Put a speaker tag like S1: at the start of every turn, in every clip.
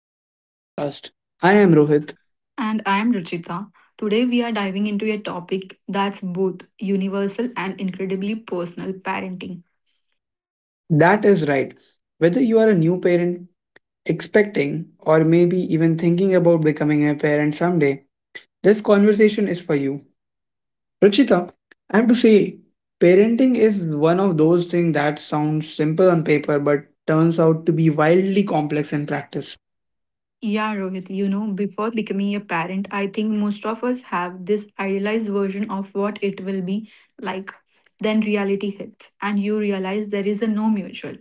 S1: of our podcast. I am
S2: Amit.
S1: Rohit.
S2: And I am Ruchita. Today we are diving into a topic that's both universal and incredibly personal parenting.
S1: That is right. Whether you are a new parent, expecting, or maybe even thinking about becoming a parent someday, this conversation is for you. Ruchita, I have to say, parenting is one of those things that sounds simple on paper but turns out to be wildly complex in practice.
S2: Rohit, before becoming a parent, I think most of us have this idealized version of what it will be like. Then reality hits, and you realize there is a no mutual,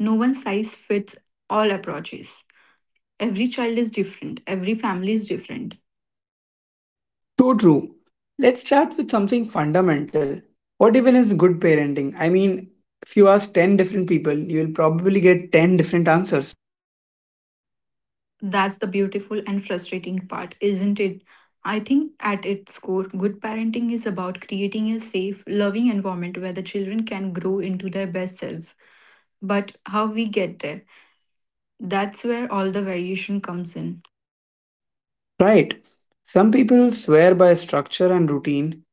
S2: no one size fits all approaches. Every child is different, every family is different.
S1: So true. Let's start with something fundamental. What even is good parenting? I mean, if you ask 10 different people, you'll probably get 10 different answers.
S2: That's the beautiful and frustrating part, isn't it? I think at its core, good parenting is about creating a safe, loving environment where the children can grow into their best selves. But how we get there, that's where all the variation comes in.
S1: Right. Some people swear by structure and routine.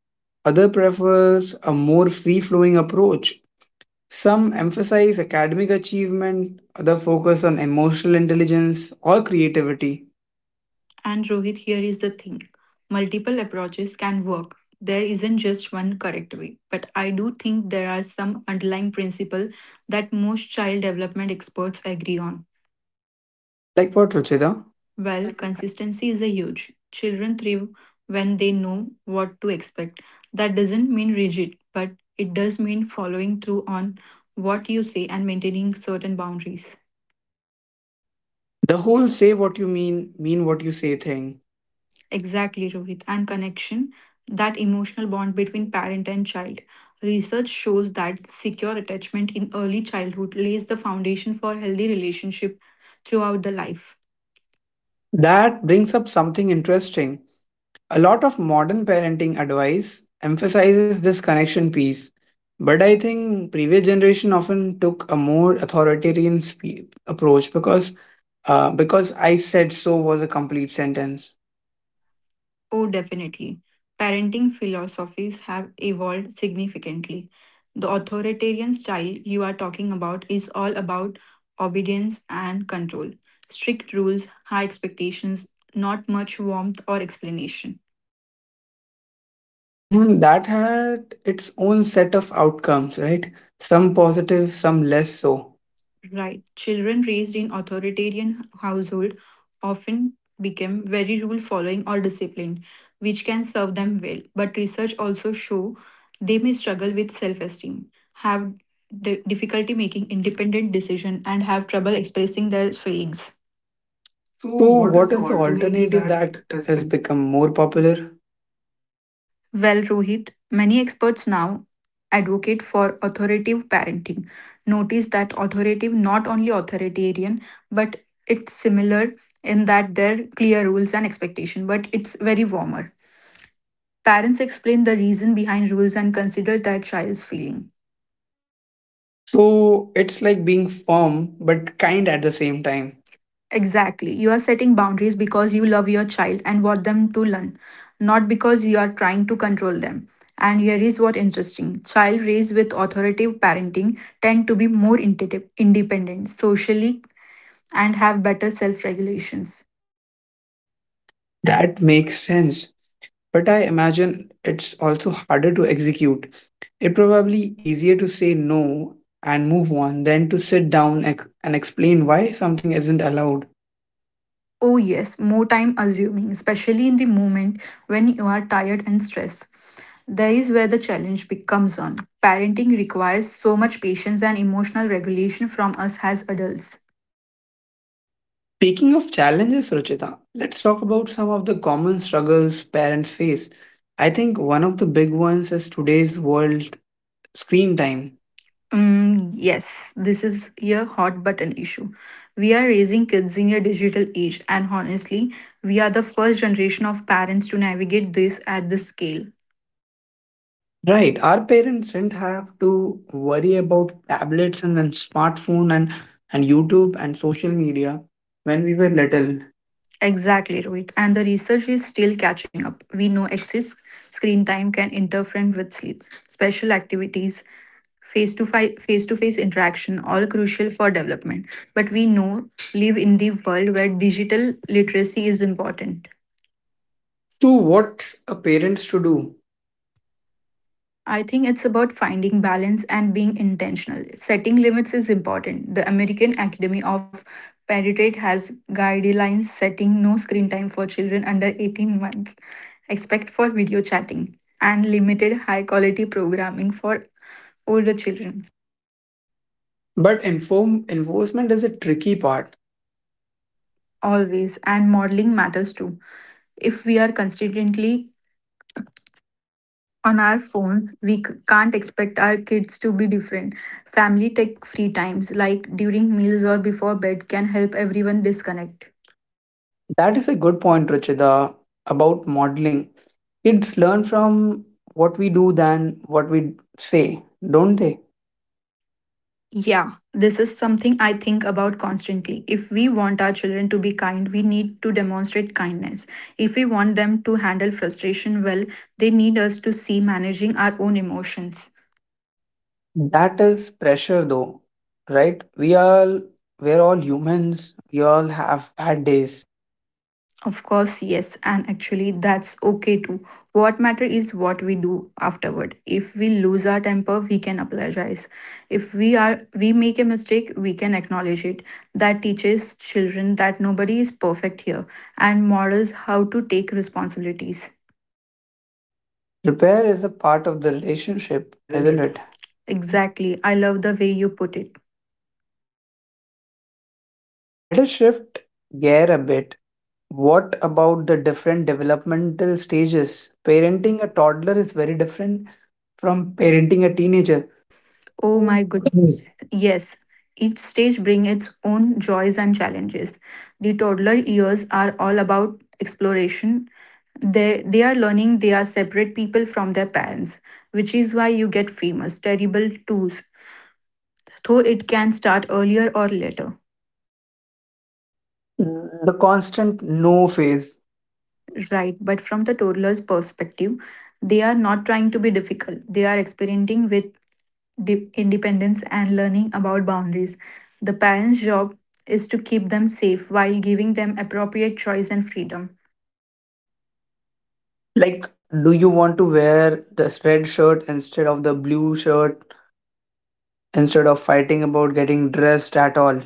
S1: Other prefers a more free-flowing approach. Some emphasize academic achievement, other focus on emotional intelligence or creativity.
S2: And Rohit, here is the thing multiple approaches can work. There isn't just one correct way, but I do think there are some underlying principles that most child development experts agree on.
S1: Like what, Ruchita?
S2: Well, consistency is a huge. Children thrive when they know what to expect. That doesn't mean rigid, but it does mean following through on what you say and maintaining certain boundaries.
S1: The whole say what you mean what you say thing.
S2: Exactly, Rohit. And connection, that emotional bond between parent and child. Research shows that secure attachment in early childhood lays the foundation for healthy relationship throughout the life.
S1: That brings up something interesting. A lot of modern parenting advice emphasizes this connection piece, but I think previous generation often took a more authoritarian approach because I said so was a complete sentence,
S2: Oh, definitely. Parenting philosophies have evolved significantly. The authoritarian style you are talking about is all about obedience and control, strict rules, high expectations, not much warmth or explanation.
S1: and that had its own set of outcomes, right? Some positive, some less so.
S2: Right. Children raised in authoritarian household often become very rule following or disciplined, which can serve them well. But research also show they may struggle with self-esteem, have difficulty making independent decision, and have trouble expressing their feelings. So,
S1: So,
S2: what is
S1: what
S2: the
S1: is the
S2: alternative
S1: alternative
S2: that
S1: that
S2: is
S1: has become more popular?
S2: Well, Rohit, many experts now advocate for authoritative parenting. Notice that authoritative not only authoritarian, but it's similar in that there are clear rules and expectation, but it's very warmer. Parents explain the reason behind rules and consider their child's feeling.
S1: So, it's like being firm but kind at the same time.
S2: Exactly. You are setting boundaries because you love your child and want them to learn, not because you are trying to control them. And here is what interesting. Child raised with authoritative parenting tend to be more independent socially and have better self-regulations.
S1: That makes sense, but I imagine it's also harder to execute. It probably easier to say no and move on than to sit down and explain why something isn't allowed.
S2: Oh yes, more time assuming, especially in the moment when you are tired and stressed. There is where the challenge becomes on. Parenting requires so much patience and emotional regulation from us as adults.
S1: Speaking of challenges, Ruchita, let's talk about some of the common struggles parents face. I think one of the big ones is today's world, screen time.
S2: Yes, this is a hot button issue. We are raising kids in a digital age, and honestly, we are the first generation of parents to navigate this at this scale.
S1: Right. Our parents didn't have to worry about tablets and then smartphone and YouTube and social media when we were little.
S2: Exactly, Rohit. And the research is still catching up. We know excess screen time can interfere with sleep, special activities, face to face to face interaction, all crucial for development. But we know live in the world where digital literacy is important.
S1: So what's a parents to do?
S2: I think it's about finding balance and being intentional. Setting limits is important. The American Academy of Pediatrics has guidelines setting no screen time for children under 18 months, except for video chatting, and limited high quality programming for older children.
S1: But inform enforcement is a tricky part.
S2: Always, and modeling matters too. If we are consistently on our phones, we can't expect our kids to be different. Family tech free times, like during meals or before bed, can help everyone disconnect.
S1: That is a good point, Ruchida, about modeling. Kids learn from what we do than what we say, don't they?
S2: Yeah, this is something I think about constantly. If we want our children to be kind, we need to demonstrate kindness. If we want them to handle frustration well, they need us to see managing our own emotions.
S1: That is pressure though, right? We're all humans, we all have bad days.
S2: Of course, yes, and actually that's okay too. What matter is what we do afterward. If we lose our temper, we can apologize. If we make a mistake, we can acknowledge it. That teaches children that nobody is perfect here and models how to take responsibilities.
S1: Repair is a part of the relationship,
S2: Isn't
S1: isn't
S2: it?
S1: it?
S2: Exactly. I love the way you put it.
S1: Let us shift gear a bit. What about the different developmental stages? Parenting a toddler is very different from parenting a teenager.
S2: Oh
S1: Oh
S2: my
S1: my
S2: goodness. Yes. Each stage brings its own joys and challenges. The toddler years are all about exploration. They are learning they are separate people from their parents, which is why you get famous, terrible twos, though it can start earlier or later.
S1: goodness. The constant no phase.
S2: Right, but from the toddler's perspective, they are not trying to be difficult. They are experimenting with independence and learning about boundaries. The parents' job is to keep them safe while giving them appropriate choice and freedom.
S1: Like, do you want to wear this red shirt instead of the blue shirt, instead of fighting about getting dressed at all?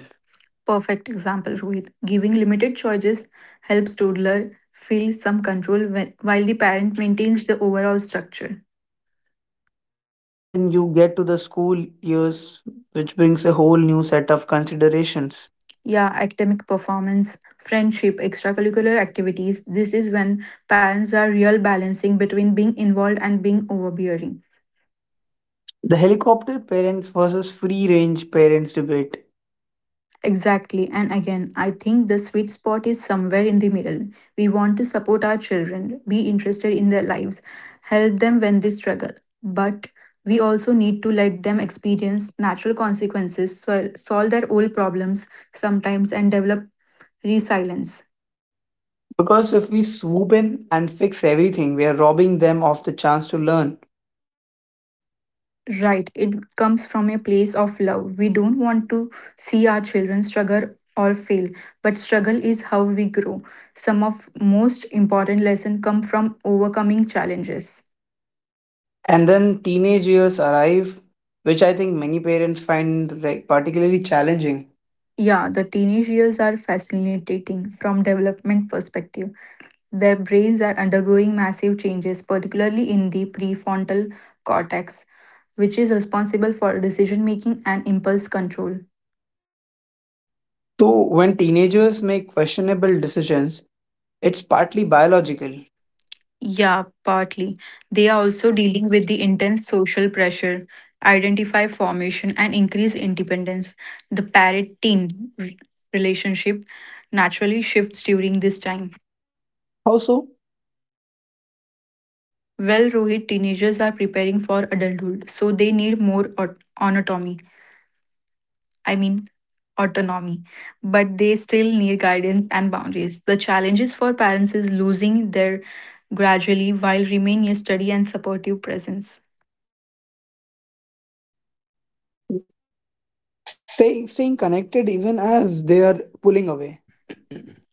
S2: Perfect example, Rohit. Giving limited choices helps toddler feel some control when, while the parent maintains the overall structure.
S1: And then you get to the school years, which brings a whole new set of considerations.
S2: Yeah, academic performance, friendship, extracurricular activities. This is when parents are real balancing between being involved and being overbearing.
S1: The helicopter parents versus free range parents debate.
S2: Exactly. And again, I think the sweet spot is somewhere in the middle. We want to support our children, be interested in their lives, help them when they struggle. But we also need to let them experience natural consequences, solve their old problems sometimes, and develop resilience.
S1: Because if we swoop in and fix everything, we are robbing them of the chance to learn.
S2: Right, it comes from a place of love. We don't want to see our children struggle or fail, but struggle is how we grow. Some of most important lesson come from overcoming challenges.
S1: And then teenage years arrive, which I think many parents find particularly challenging.
S2: Yeah, the teenage years are fascinating from development perspective. Their brains are undergoing massive changes, particularly in the prefrontal cortex, which is responsible for decision making and impulse control.
S1: So, when teenagers make questionable decisions, it's partly biological.
S2: Yeah, partly. They are also dealing with the intense social pressure, identify formation, and increase independence. The parent teen relationship naturally shifts during this time.
S1: Also,
S2: Well, Rohit, teenagers are preparing for adulthood, so they need more autonomy. I mean, autonomy, but they still need guidance and boundaries. The challenges for parents is losing their gradually while remaining a steady and supportive presence.
S1: staying connected even as they are pulling away.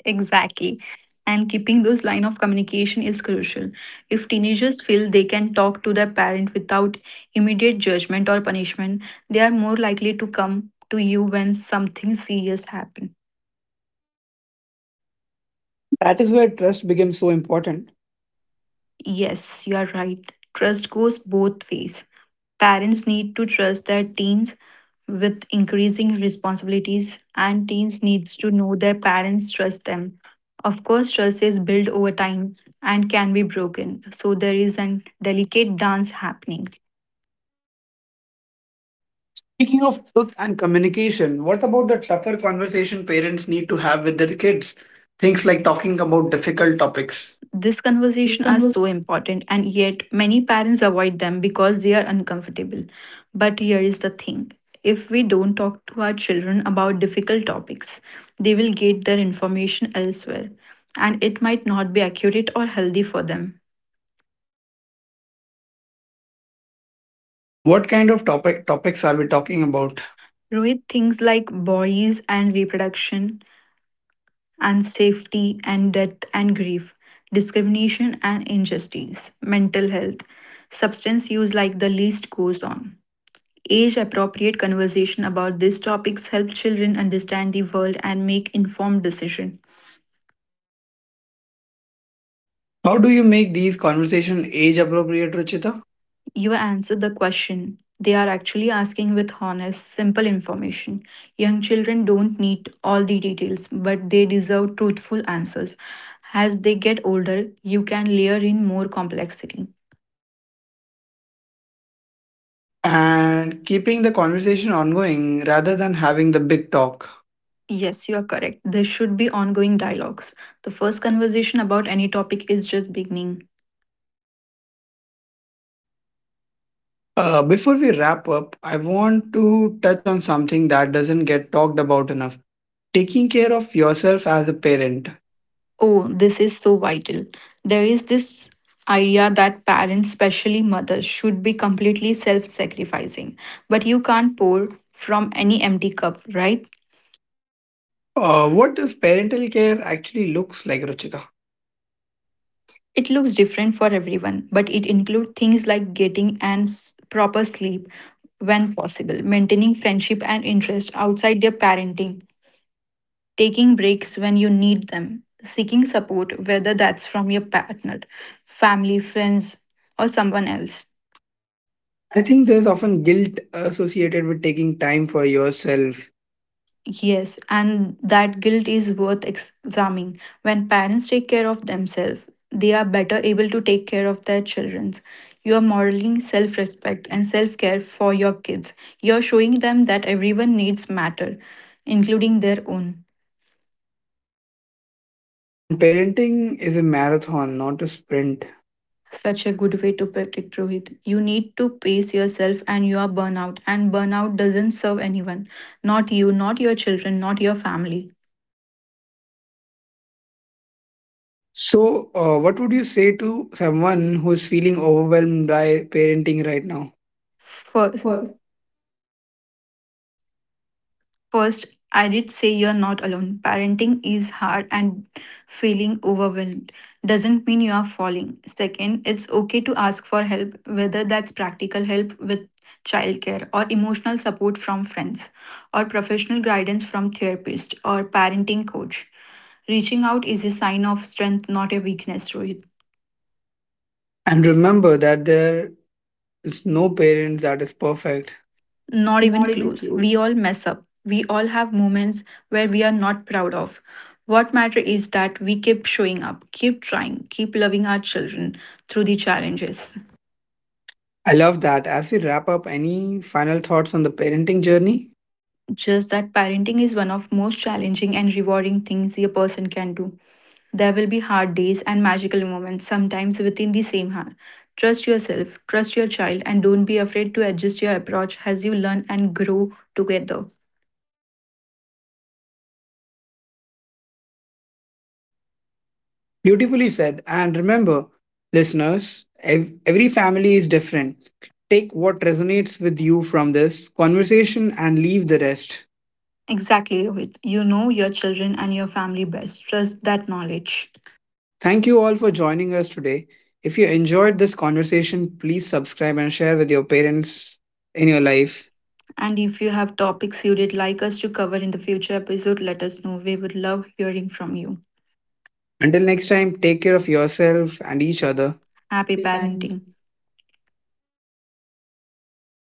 S2: Exactly. And keeping those line of communication is crucial. If teenagers feel they can talk to their parent without immediate judgment or punishment, they are more likely to come to you when something serious happens.
S1: That is where trust becomes so important.
S2: Yes, you are right. Trust goes both ways. Parents need to trust their teens with increasing responsibilities, and teens needs to know their parents trust them. Of course, trust is built over time and can be broken. So there is a delicate dance happening.
S1: Speaking of truth and communication, what about the tougher conversation parents need to have with their kids? Things like talking about difficult topics.
S2: This conversation are so important and yet many parents avoid them because they are uncomfortable. But here is the thing. If we don't talk to our children about difficult topics, they will get their information elsewhere and it might not be accurate or healthy for them.
S1: What kind of topics are we talking about?
S2: Rohit, things like bodies and reproduction and safety and death and grief, discrimination and injustice, mental health, substance use like the list goes on. Age appropriate conversation about these topics help children understand the world and make informed decisions.
S1: How do you make these conversation age appropriate, Ruchita?
S2: You answered the question. They are actually asking with honest, simple information. Young children don't need all the details, but they deserve truthful answers. As they get older, you can layer in more complexity.
S1: And keeping the conversation ongoing rather than having the big talk.
S2: Yes, you are correct. There should be ongoing dialogues. The first conversation about any topic is just beginning.
S1: Before we wrap up, I want to touch on something that doesn't get talked about enough. Taking care of yourself as a parent.
S2: Oh, this is so vital. There is this idea that parents, especially mothers, should be completely self sacrificing. But you can't pour from any empty cup, right?
S1: What does parental care actually looks like, Ruchita?
S2: It looks different for everyone, but it includes things like getting and proper sleep when possible, maintaining friendship and interest outside their parenting, taking breaks when you need them, seeking support, whether that's from your partner, family, friends, or someone else.
S1: I think there's often guilt associated with taking time for yourself.
S2: Yes, and that guilt is worth examining. When parents take care of themselves, they are better able to take care of their children. You are modeling self respect and self care for your kids. You are showing them that everyone needs matter, including their own.
S1: And parenting is a marathon, not a sprint.
S2: Such a good way to put it, Rohit. You need to pace yourself and you are burnout. And burnout doesn't serve anyone. Not you, not your children, not your family.
S1: So, what would you say to someone who is feeling overwhelmed by parenting right now? Well,
S2: First, I did say you're not alone. Parenting is hard and feeling overwhelmed doesn't mean you are falling. Second, it's okay to ask for help, whether that's practical help with childcare or emotional support from friends or professional guidance from therapist or parenting coach. Reaching out is a sign of strength, not a weakness, Rohit.
S1: and remember that there is no parents that is perfect.
S2: Not even
S1: Not even
S2: close.
S1: close.
S2: We all mess up. We all have moments where we are not proud of. What matter is that we keep showing up, keep trying, keep loving our children through the challenges.
S1: I love that. As we wrap up, any final thoughts on the parenting journey?
S2: Just that parenting is one of most challenging and rewarding things a person can do. There will be hard days and magical moments, sometimes within the same hour. Trust yourself, trust your child, and don't be afraid to adjust your approach as you learn and grow together.
S1: Beautifully said. And remember, listeners, every family is different. Take what resonates with you from this conversation and leave the rest.
S2: Exactly, Rohit. You know your children and your family best. Trust that knowledge.
S1: Thank you all for joining us today. If you enjoyed this conversation, please subscribe and share with your parents in your life.
S2: And if you have topics you would like us to cover in the future episode, let us know. We would love hearing from you.
S1: Until next time, take care of yourself and each other.
S2: Happy
S1: Be parents.
S2: parenting.